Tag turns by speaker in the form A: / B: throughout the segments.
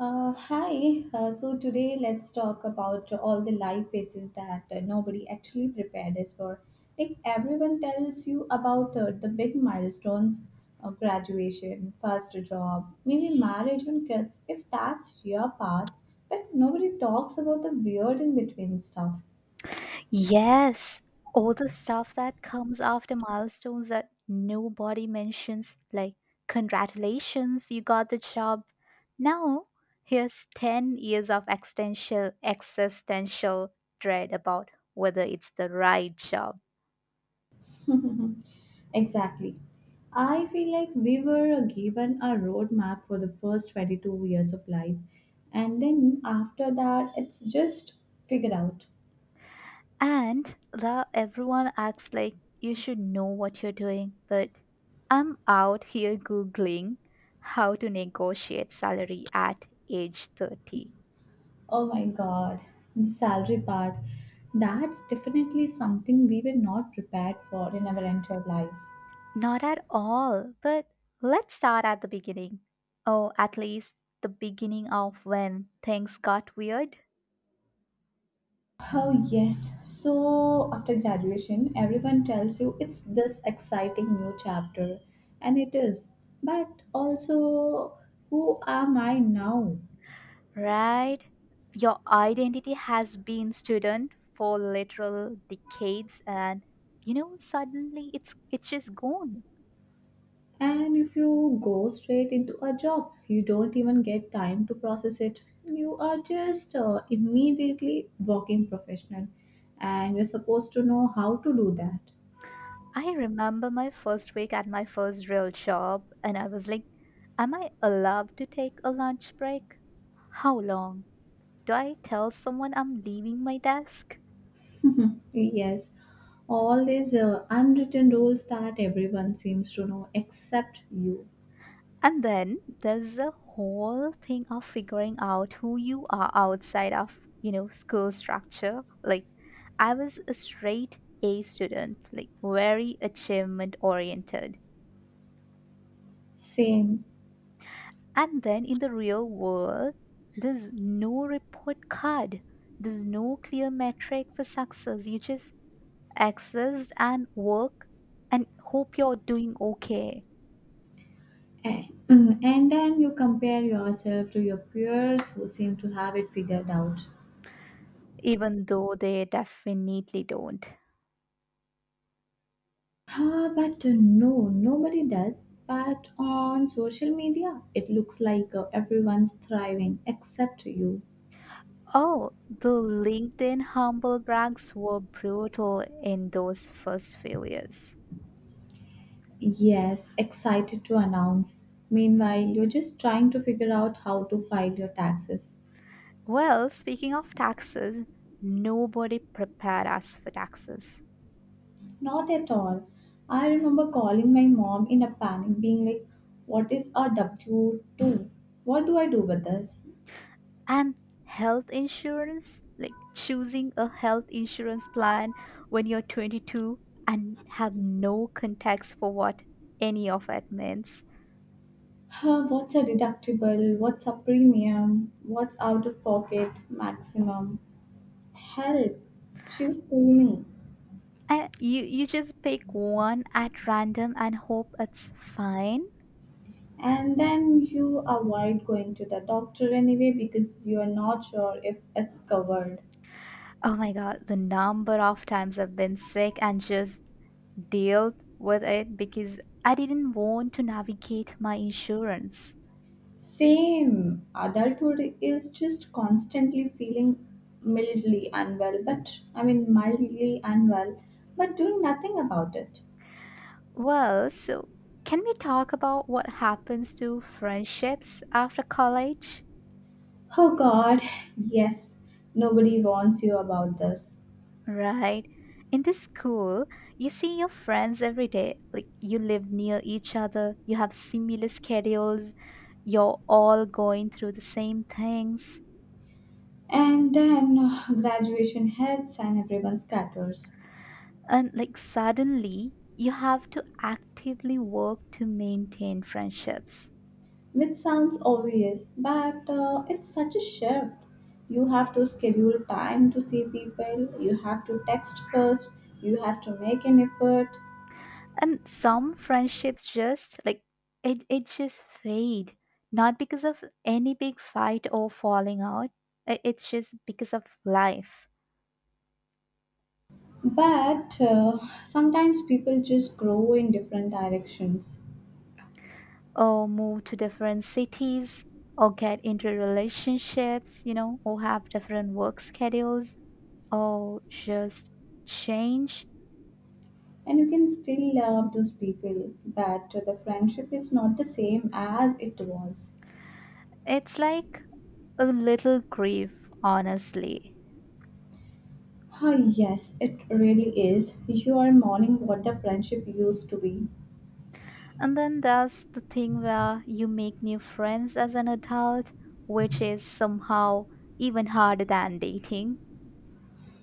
A: Hi, so today let's talk about all the life phases that nobody actually prepared us for. Like everyone tells you about the big milestones, graduation, first job, maybe marriage and kids, if that's your path, but nobody talks about the weird in between stuff.
B: Yes, all the stuff that comes after milestones that nobody mentions, like congratulations, you got the job. Now, here's 10 years of existential dread about whether it's the right job.
A: Exactly. I feel like we were given a roadmap for the first 22 years of life, and then after that, it's just figure out.
B: And the everyone acts like you should know what you're doing, but I'm out here googling how to negotiate salary at age 30.
A: Oh my god, the salary part. That's definitely something we were not prepared for in our entire life.
B: Not at all, but let's start at the beginning. Oh, at least the beginning of when things got weird,
A: Oh, yes. So, after graduation, everyone tells you it's this exciting new chapter, and it is. But also, who am I now?
B: right? Your identity has been student for literal decades and suddenly it's just gone.
A: And if you go straight into a job, you don't even get time to process it. You are just immediately working professional, and you're supposed to know how to do that.
B: I remember my first week at my first real job and I was like, am I allowed to take a lunch break? How long? Do I tell someone I'm leaving my desk?
A: Yes, all these unwritten rules that everyone seems to know except you.
B: And then there's the whole thing of figuring out who you are outside of, you know, school structure. Like, I was a straight A student, like, very achievement oriented.
A: Same.
B: And then in the real world, there's no report card, there's no clear metric for success. You just exist and work and hope you're doing okay,
A: And, and then you compare yourself to your peers who seem to have it figured out.
B: even though they definitely don't.
A: Ah, but no, nobody does. But on social media, it looks like everyone's thriving except you.
B: Oh, the LinkedIn humble brags were brutal in those first few years.
A: Yes, excited to announce. Meanwhile, you're just trying to figure out how to file your taxes.
B: Well, speaking of taxes, nobody prepared us for taxes.
A: Not at all. I remember calling my mom in a panic, being like, What is a W W-2? What do I do with this?
B: And health insurance, like choosing a health insurance plan when you're 22 and have no context for what any of it means.
A: Huh, what's a deductible? What's a premium? What's out of pocket maximum? Help! She was screaming.
B: And you just pick one at random and hope it's fine.
A: And then you avoid going to the doctor anyway because you are not sure if it's covered.
B: Oh my god, the number of times I've been sick and just dealt with it because I didn't want to navigate my insurance.
A: Same. Adulthood is just constantly feeling mildly unwell, but I mean mildly unwell, but doing nothing about it.
B: Well, so can we talk about what happens to friendships after college?
A: Oh God, yes, nobody warns you about this.
B: Right. In the school, you see your friends every day. Like you live near each other, you have similar schedules, you're all going through the same things.
A: And then graduation hits and everyone scatters.
B: And like suddenly you have to actively work to maintain friendships.
A: Which sounds obvious, but it's such a shift. You have to schedule time to see people, you have to text first, you have to make an effort.
B: And some friendships just like it just fade, not because of any big fight or falling out. It's just because of life,
A: But sometimes people just grow in different directions.
B: or move to different cities, or get into relationships, you know, or have different work schedules, or just change.
A: And you can still love those people, but the friendship is not the same as it was.
B: It's like a little grief, honestly.
A: Ah, yes, it really is. You are mourning what the friendship used to be.
B: And then there's the thing where you make new friends as an adult, which is somehow even harder than dating.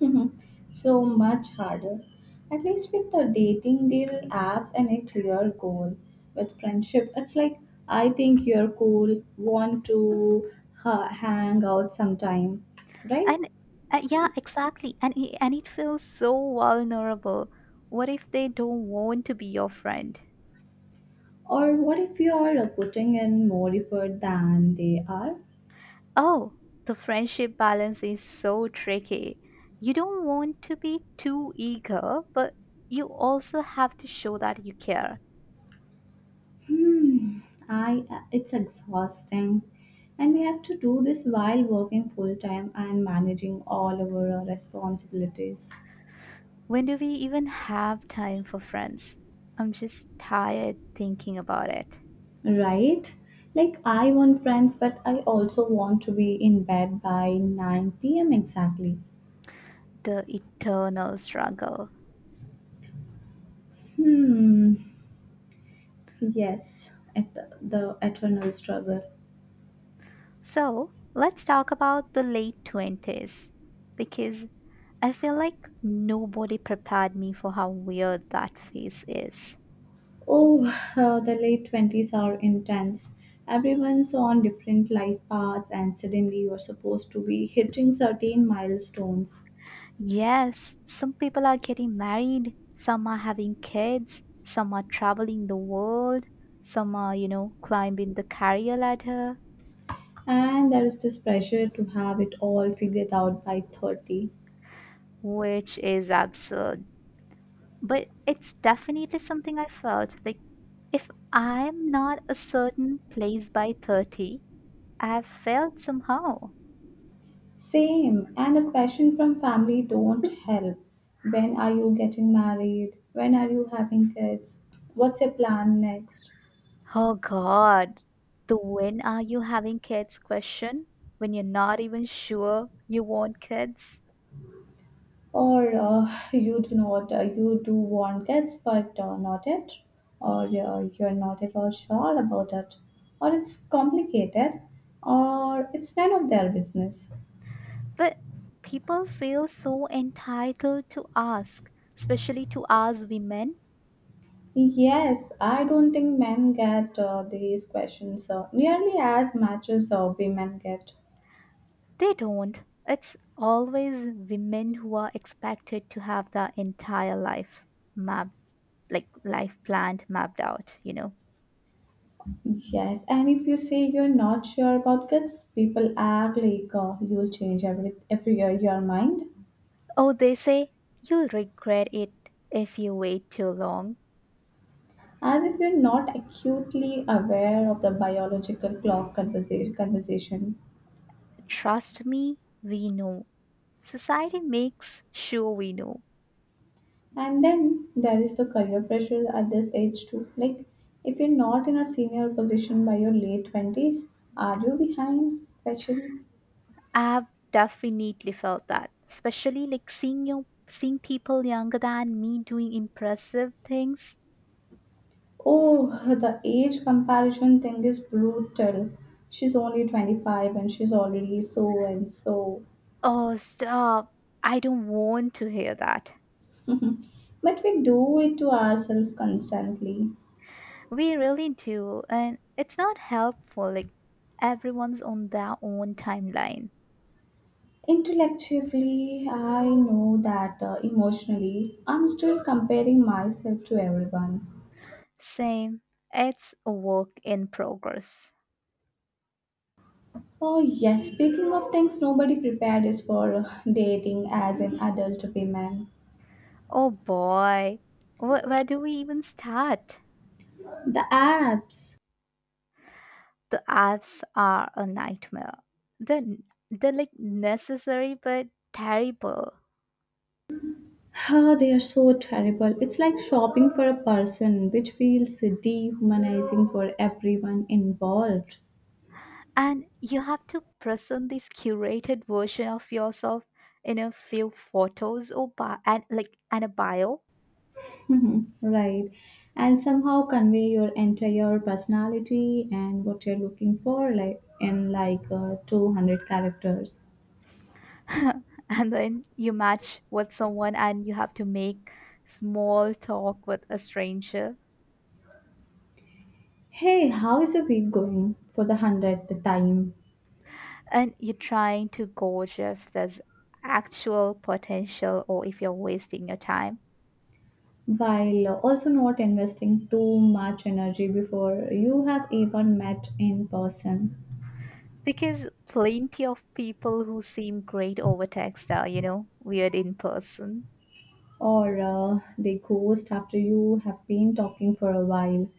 A: Mhm. So much harder. At least with the dating, there are apps and a clear goal. With friendship, it's like I think you're cool, want to hang out sometime, right?
B: And yeah, exactly. And it feels so vulnerable. What if they don't want to be your friend?
A: Or what if you are putting in more effort than they are?
B: Oh, the friendship balance is so tricky. You don't want to be too eager, but you also have to show that you care.
A: Hmm, I it's exhausting, and we have to do this while working full time and managing all of our responsibilities.
B: When do we even have time for friends? I'm just tired thinking about it.
A: Right? Like, I want friends, but I also want to be in bed by 9 p.m. exactly.
B: The eternal struggle.
A: Hmm. Yes, at the eternal struggle.
B: So, let's talk about the late 20s because I feel like nobody prepared me for how weird that phase is.
A: Oh, the late 20s are intense. Everyone's on different life paths, and suddenly you're supposed to be hitting certain milestones.
B: Yes, some people are getting married, some are having kids, some are traveling the world, some are, you know, climbing the career ladder,
A: And there is this pressure to have it all figured out by 30.
B: which is absurd, but it's definitely something I felt, like if I'm not a certain place by 30, I've failed somehow.
A: Same. And a question from family don't help. When are you getting married? When are you having kids? What's your plan next?
B: Oh God, the when are you having kids question, when you're not even sure you want kids.
A: Or you do not, you do want kids, but not it. Or you're not at all sure about it. Or it's complicated. Or it's none of their business.
B: But people feel so entitled to ask, especially to us women.
A: Yes, I don't think men get these questions nearly as much as women get.
B: They don't. It's always women who are expected to have their entire life mapped, like life planned, mapped out, you know.
A: Yes, and if you say you're not sure about guts, people act like you'll change every year your mind,
B: Oh, they say you'll regret it if you wait too long.
A: as if you're not acutely aware of the biological clock conversation.
B: Trust me, we know. Society makes sure we know.
A: And then there is the career pressure at this age too. Like, if you're not in a senior position by your late 20s, are you behind fashion?
B: I've definitely felt that, especially like seeing your seeing people younger than me doing impressive things.
A: Oh, the age comparison thing is brutal. She's only 25 and she's already so and so.
B: Oh stop, I don't want to hear that.
A: Mm. But we do it to ourselves constantly.
B: We really do, and it's not helpful. Like, everyone's on their own timeline.
A: Intellectually, I know that emotionally, I'm still comparing myself to everyone.
B: Same. It's a work in progress.
A: Oh, yes, speaking of things nobody prepared is for dating as an adult woman.
B: Oh boy. Where do we even start?
A: The apps,
B: The apps are a nightmare. They're, they're like necessary but terrible.
A: oh, they are so terrible. It's like shopping for a person, which feels dehumanizing for everyone involved.
B: And you have to present this curated version of yourself in a few photos or bi- and like and a bio.
A: Mhm, right. And somehow convey your entire personality and what you're looking for, like in like 200 characters.
B: And then you match with someone and you have to make small talk with a stranger,
A: Hey, how is your week going for the 100th time?
B: and you're trying to gauge if there's actual potential or if you're wasting your time,
A: While also not investing too much energy before you have even met in person,
B: because plenty of people who seem great over text are, you know, weird in person.
A: or they ghost after you have been talking for a while.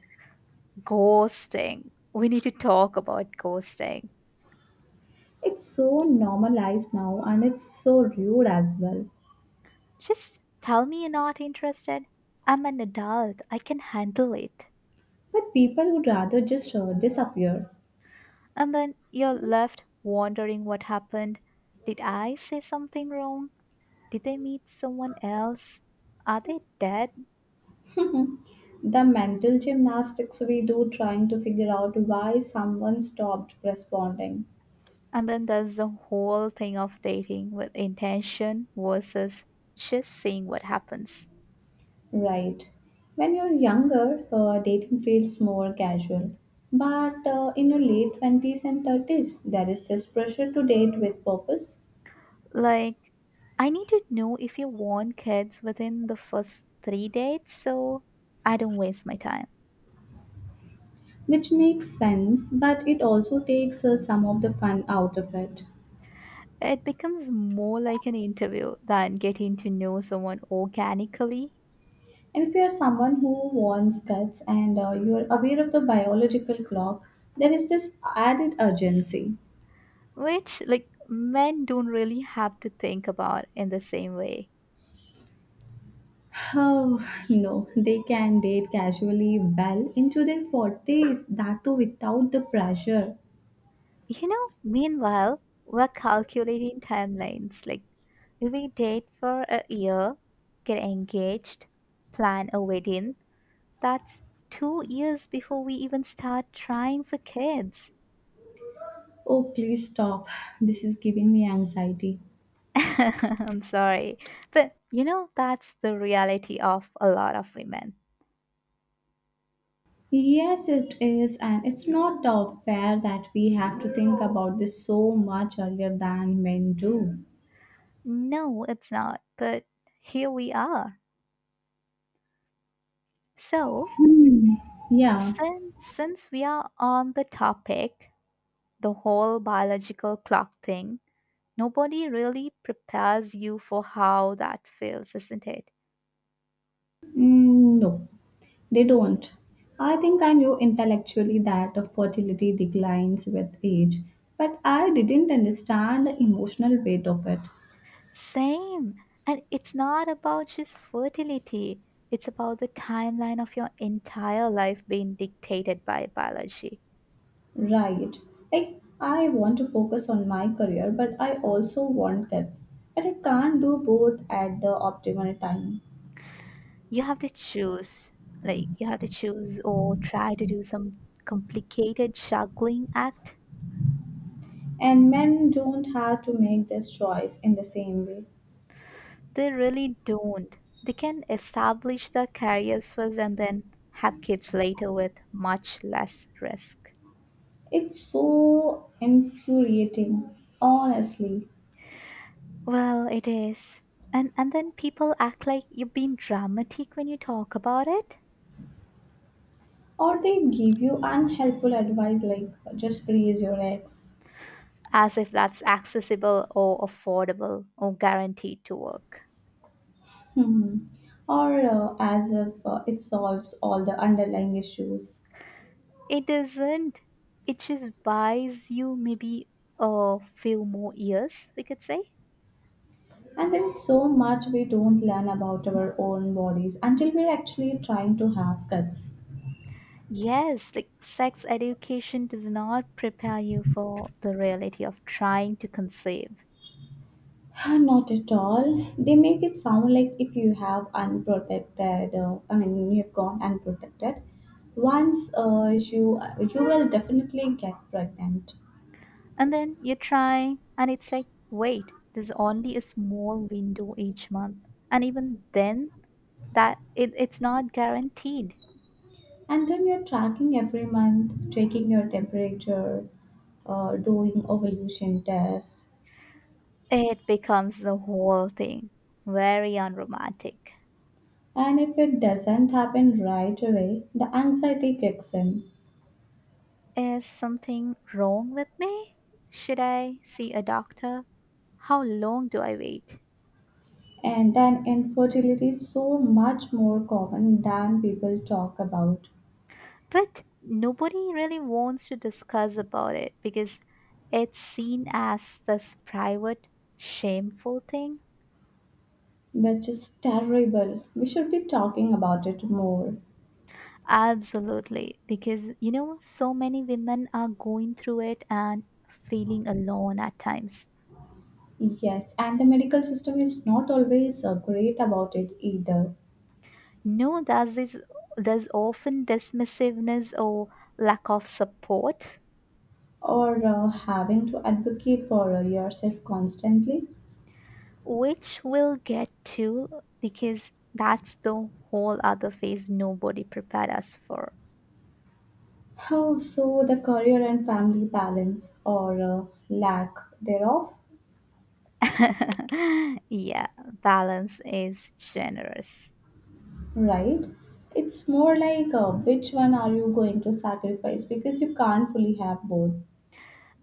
B: Ghosting, we need to talk about ghosting.
A: It's so normalized now and it's so rude as well.
B: Just tell me you're not interested. I'm an adult, I can handle it.
A: But people would rather just disappear.
B: And then you're left wondering what happened. Did I say something wrong? Did they meet someone else? Are they dead?
A: The mental gymnastics we do trying to figure out why someone stopped responding.
B: And then there's the whole thing of dating with intention versus just seeing what happens.
A: Right. When you're younger, dating feels more casual. But in your late 20s and 30s, there is this pressure to date with purpose,
B: Like, I need to know if you want kids within the first three dates, so I don't waste my time.
A: which makes sense, but it also takes some of the fun out of it.
B: It becomes more like an interview than getting to know someone organically,
A: And if you are someone who wants guts and you are aware of the biological clock, there is this added urgency.
B: which, like, men don't really have to think about in the same way.
A: Oh no, they can date casually well into their 40s, that too without the pressure.
B: You know, meanwhile, we're calculating timelines. Like, if we date for a year, get engaged, plan a wedding, that's 2 years before we even start trying for kids.
A: Oh, please stop. This is giving me anxiety.
B: I'm sorry. But, you know, that's the reality of a lot of women.
A: Yes, it is, and it's not fair that we have to think about this so much earlier than men do.
B: No, it's not. But here we are. So,
A: Hmm. Yeah.
B: since we are on the topic, the whole biological clock thing, nobody really prepares you for how that feels, isn't it?
A: Mm, no. They don't. I think I knew intellectually that fertility declines with age, but I didn't understand the emotional weight of it.
B: Same. And it's not about just fertility, it's about the timeline of your entire life being dictated by biology.
A: Right. Like, I want to focus on my career, but I also want kids. But I can't do both at the optimal time.
B: You have to choose. Like, you have to choose or try to do some complicated juggling act.
A: And men don't have to make this choice in the same way.
B: They really don't. They can establish their careers first and then have kids later with much less risk.
A: It's so infuriating, honestly.
B: Well, it is. And then people act like you've been dramatic when you talk about it,
A: Or they give you unhelpful advice like just praise your ex.
B: as if that's accessible or affordable or guaranteed to work.
A: Hmm. Or as if it solves all the underlying issues.
B: It isn't. It just buys you maybe a few more years, we could say.
A: And there is so much we don't learn about our own bodies until we're actually trying to have kids.
B: Yes, like sex education does not prepare you for the reality of trying to conceive.
A: Not at all. They make it sound like if you have unprotected, I mean, you've gone unprotected, once you will definitely get pregnant.
B: And then you try, and it's like, wait, there's only a small window each month. And even then, it's not guaranteed.
A: And then you're tracking every month, taking your temperature, doing ovulation tests.
B: It becomes the whole thing, very unromantic.
A: And if it doesn't happen right away, the anxiety kicks in.
B: Is something wrong with me? Should I see a doctor? How long do I wait?
A: And then infertility is so much more common than people talk about,
B: But nobody really wants to discuss about it because it's seen as this shameful thing.
A: which is terrible. We should be talking about it more.
B: Absolutely, because you know, so many women are going through it and feeling alone at times.
A: Yes, and the medical system is not always great about it either,
B: No, there's often dismissiveness or lack of support,
A: or having to advocate for yourself constantly.
B: which we'll get to, because that's the whole other phase nobody prepared us for.
A: How so the career and family balance or lack thereof?
B: Yeah, balance is generous.
A: Right? It's more like which one are you going to sacrifice because you can't fully have both.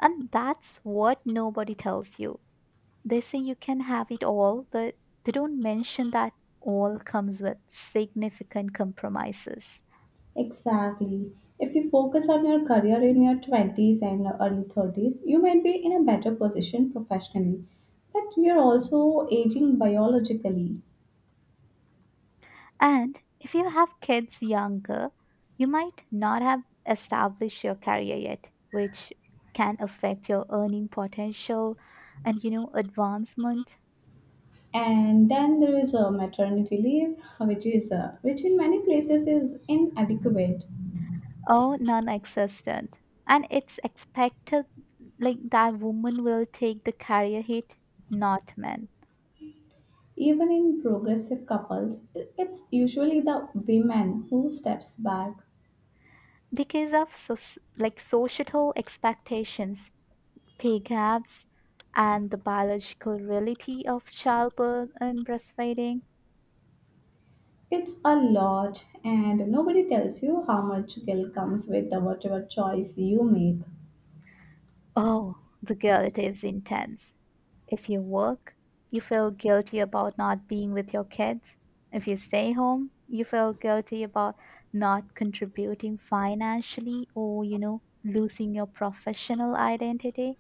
B: And that's what nobody tells you. They say you can have it all, but they don't mention that all comes with significant compromises.
A: Exactly. If you focus on your career in your 20s and early 30s, you might be in a better position professionally, but you're also aging biologically.
B: And if you have kids younger, you might not have established your career yet, which can affect your earning potential and, you know, advancement.
A: And then there is a maternity leave, which in many places is inadequate.
B: Or non-existent. And it's expected, like that woman will take the career hit, not men,
A: Even in progressive couples, it's usually the women who steps back.
B: because of like societal expectations, pay gaps, and the biological reality of childbirth and breastfeeding.
A: It's a lot, and nobody tells you how much guilt comes with the whatever choice you make.
B: Oh, the guilt is intense. If you work, you feel guilty about not being with your kids. If you stay home, you feel guilty about not contributing financially or, you know, losing your professional identity.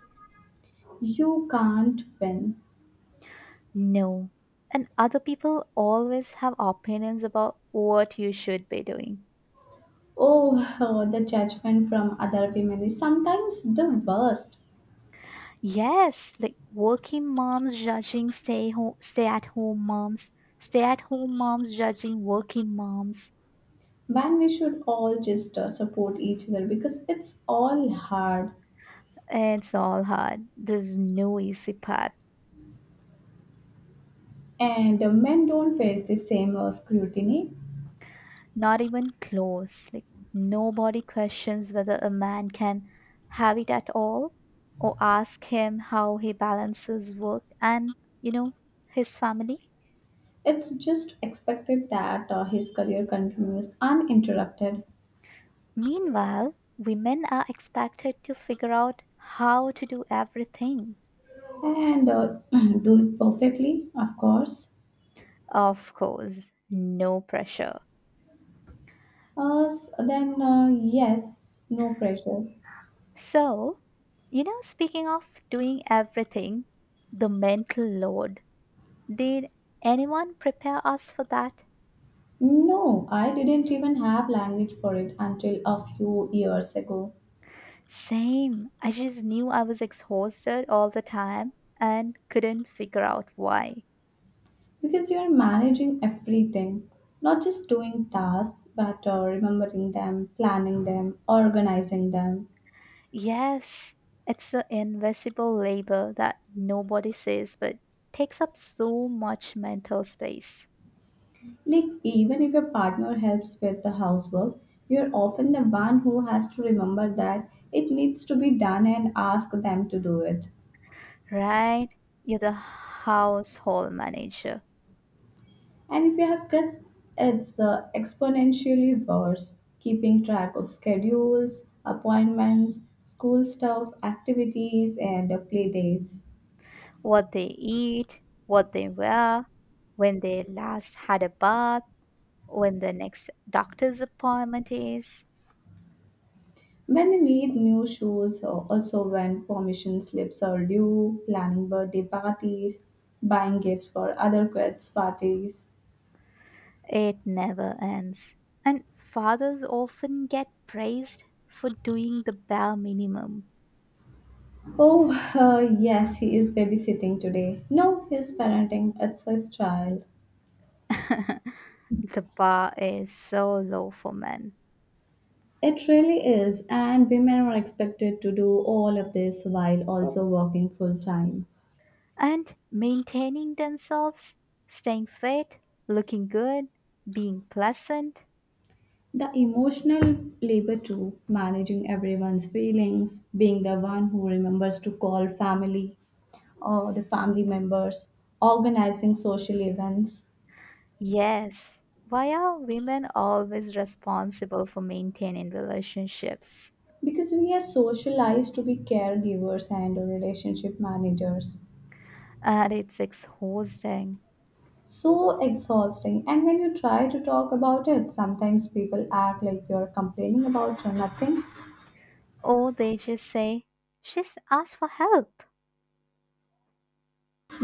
A: You can't win.
B: No. And other people always have opinions about what you should be doing.
A: Oh, the judgment from other women is sometimes the worst.
B: Yes, like working moms judging stay at home moms, stay at home moms judging working moms.
A: When we should all just support each other because it's all hard,
B: It's all hard. There's no easy path.
A: and men don't face the same scrutiny.
B: Not even close. Like, nobody questions whether a man can have it at all, or ask him how he balances work and, you know, his family.
A: It's just expected that his career continues uninterrupted
B: Meanwhile, women are expected to figure out how to do everything.
A: and do it perfectly, of course.
B: Of course, no pressure.
A: Then, yes, no pressure.
B: So, you know, speaking of doing everything, the mental load. Did anyone prepare us for that?
A: No, I didn't even have language for it until a few years ago
B: Same. I just knew I was exhausted all the time and couldn't figure out why.
A: because you are managing everything, not just doing tasks, but remembering them, planning them, organizing them.
B: Yes, it's the invisible labor that nobody sees but takes up so much mental space.
A: Like, even if your partner helps with the housework, you're often the one who has to remember that it needs to be done and ask them to do it.
B: Right? You're the household manager.
A: And if you have kids, it's exponentially worse. Keeping track of schedules, appointments, school stuff, activities, and play dates.
B: What they eat, what they wear, when they last had a bath, when the next doctor's appointment is.
A: When they need new shoes, or also when permission slips are due, planning birthday parties, buying gifts for other kids' parties.
B: It never ends. And fathers often get praised for doing the bare minimum.
A: Oh, yes, he is babysitting today. No, he's parenting. It's his child.
B: The bar is so low for men.
A: It really is, and women are expected to do all of this while also working full time.
B: And maintaining themselves, staying fit, looking good, being pleasant.
A: The emotional labor too, managing everyone's feelings, being the one who remembers to call family or the family members, organizing social events,
B: Yes. Why are women always responsible for maintaining relationships?
A: because we are socialized to be caregivers and relationship managers.
B: And it's exhausting.
A: So exhausting, and when you try to talk about it, sometimes people act like you're complaining about nothing.
B: Or they just say, she's asked for help.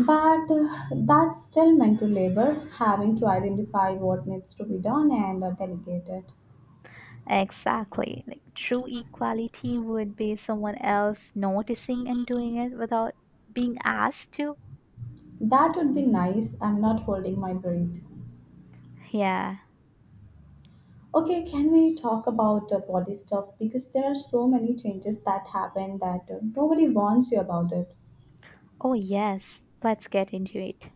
A: But that's still mental labor, having to identify what needs to be done and delegate it.
B: Exactly. Like true equality would be someone else noticing and doing it without being asked to.
A: That would be nice. I'm not holding my breath.
B: Yeah.
A: Okay, can we talk about body stuff? Because there are so many changes that happen that nobody warns you about it.
B: Oh, yes. Let's get into it.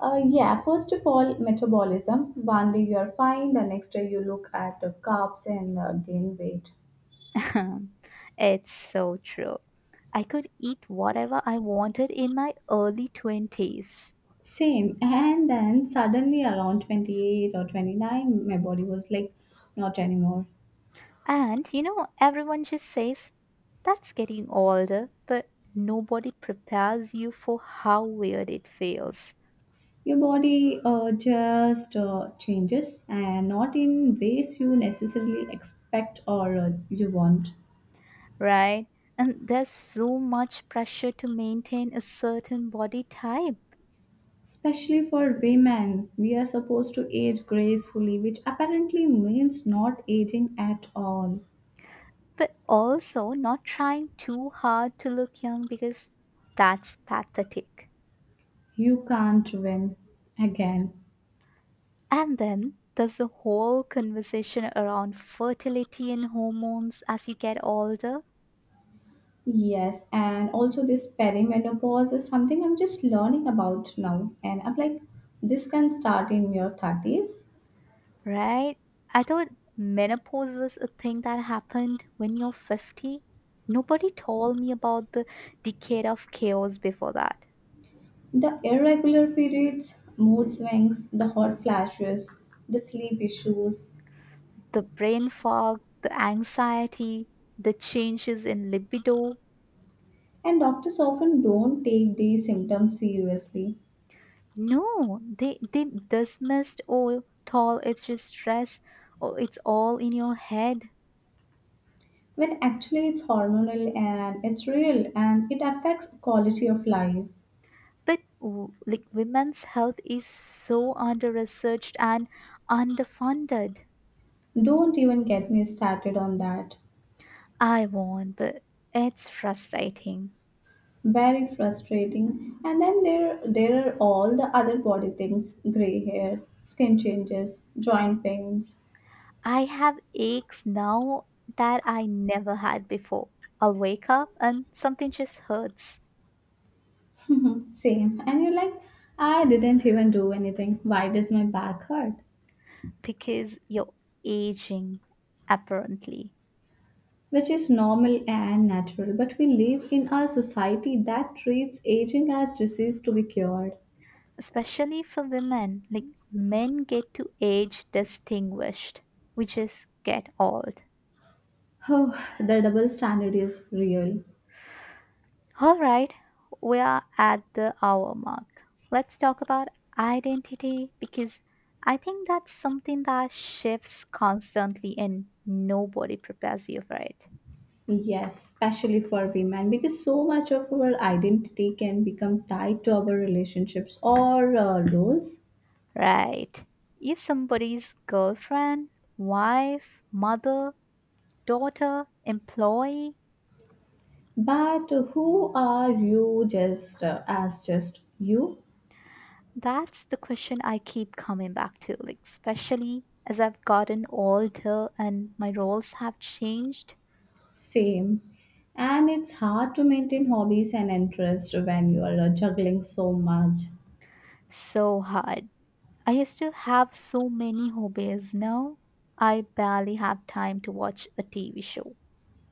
A: Yeah, first of all, metabolism. One day you're fine, the next day you look at the carbs and gain weight.
B: It's so true. I could eat whatever I wanted in my early 20s.
A: Same. And then suddenly around 28 or 29, my body was like, not anymore.
B: And, you know, everyone just says that's getting older, but nobody prepares you for how weird it feels.
A: Your body just changes and not in ways you necessarily expect or you want.
B: Right? And there's so much pressure to maintain a certain body type,
A: Especially for women, we are supposed to age gracefully, which apparently means not aging at all.
B: but also not trying too hard to look young because that's pathetic.
A: You can't win again.
B: And then there's a whole conversation around fertility and hormones as you get older.
A: Yes, and also this perimenopause is something I'm just learning about now. And I'm like, this can start in your 30s.
B: Right? I thought menopause was a thing that happened when you're 50. Nobody told me about the decade of chaos before that.
A: The irregular periods, mood swings, the hot flashes, the sleep issues,
B: The brain fog, the anxiety, the changes in libido.
A: and doctors often don't take these symptoms seriously.
B: No, they dismissed, oh tall, it's just stress, or it's all in your head.
A: When actually it's hormonal and it's real and it affects quality of life.
B: But like women's health is so under researched and underfunded.
A: Don't even get me started on that.
B: I won't, but it's frustrating.
A: Very frustrating. And then there are all the other body things: gray hairs, skin changes, joint pains.
B: I have aches now that I never had before. I'll wake up and something just hurts.
A: Same, and you're like, I didn't even do anything. Why does my back hurt?
B: Because you're aging, apparently.
A: Which is normal and natural, but we live in a society that treats aging as disease to be cured.
B: Especially for women, like, men get to age distinguished, we just get old.
A: Oh, the double standard is real.
B: All right, we are at the hour mark. Let's talk about identity because I think that's something that shifts constantly and nobody prepares you for it.
A: Yes, especially for women, because so much of our identity can become tied to our relationships or roles.
B: Right, you're somebody's girlfriend, wife, mother, daughter, employee.
A: But who are you, just as just you?
B: That's the question I keep coming back to, like, especially as I've gotten older and my roles have changed.
A: Same. And it's hard to maintain hobbies and interests when you are juggling so much,
B: So hard. I used to have so many hobbies. Now I barely have time to watch a TV show.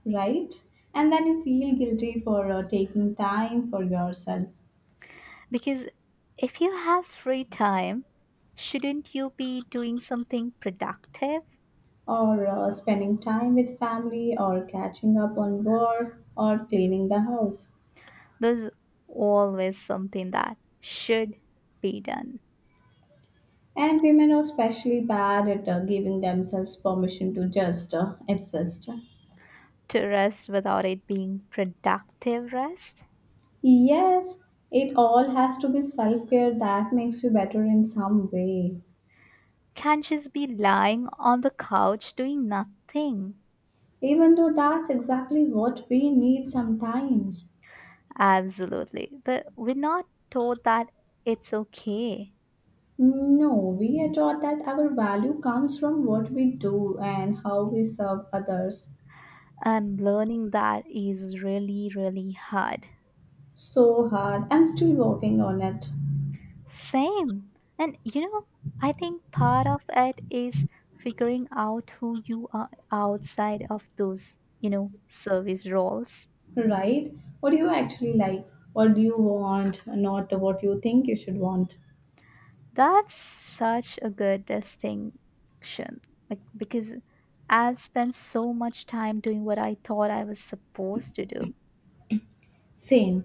A: right? And then you feel guilty for taking time for yourself
B: Because if you have free time, shouldn't you be doing something productive?
A: or spending time with family or catching up on work or cleaning the house.
B: There's always something that should be done.
A: And women are especially bad at giving themselves permission to just exist.
B: To rest without it being productive rest.
A: Yes, it all has to be self care that makes you better in some way.
B: Can't just be lying on the couch doing nothing.
A: Even though that's exactly what we need sometimes.
B: Absolutely. But we're not told that it's okay.
A: No, we are taught that our value comes from what we do and how we serve others.
B: And learning that is really, really hard.
A: So hard. I'm still working on it.
B: Same. And you know, I think part of it is figuring out who you are outside of those, you know, service roles.
A: Right? What do you actually like? What do you want? Not what you think you should want.
B: That's such a good distinction. Like, because I've spent so much time doing what I thought I was supposed to do.
A: Same.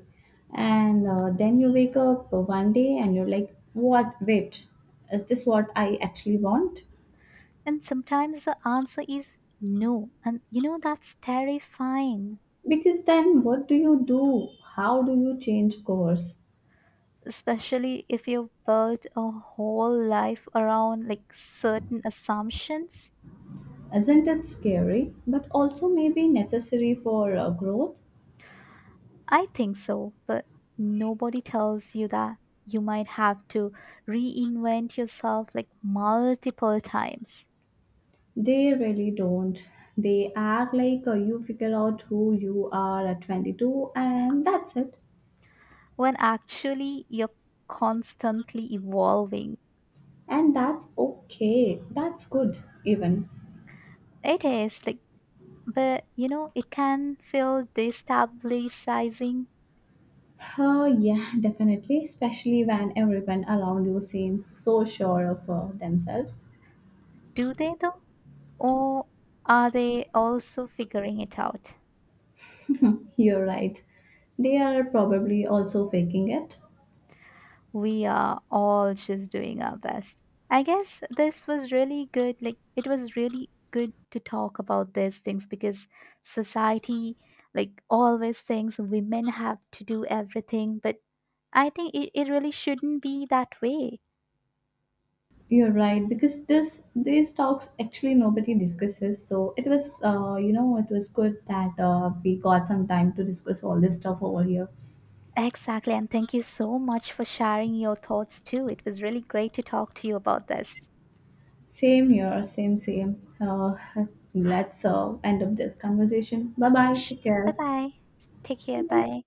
A: And then you wake up one day and you're like, what? Wait, is this what I actually want?
B: And sometimes the answer is no. And you know, that's terrifying.
A: Because then what do you do? How do you change course?
B: Especially if you built a whole life around like certain assumptions.
A: Isn't it scary, but also maybe necessary for growth?
B: I think so, but nobody tells you that you might have to reinvent yourself like multiple times.
A: They really don't. They act like you figure out who you are at 22 and that's it.
B: When actually you're constantly evolving.
A: And that's okay. That's good, even.
B: It is, like, but you know, it can feel destabilizing.
A: Oh, yeah, definitely, especially when everyone around you seems so sure of themselves.
B: Do they though? Or are they also figuring it out?
A: You're right. They are probably also faking it.
B: We are all just doing our best. I guess this was really good. Like, it was really good to talk about these things because society, like, always thinks women have to do everything, but I think it really shouldn't be that way.
A: You're right because this these talks actually nobody discusses. So it was good that we got some time to discuss all this stuff over here.
B: Exactly. And thank you so much for sharing your thoughts too. It was really great to talk to you about this.
A: Same here, same, same. Let's end up this conversation. Bye bye. Take
B: Bye
A: care.
B: bye. Take care. Bye.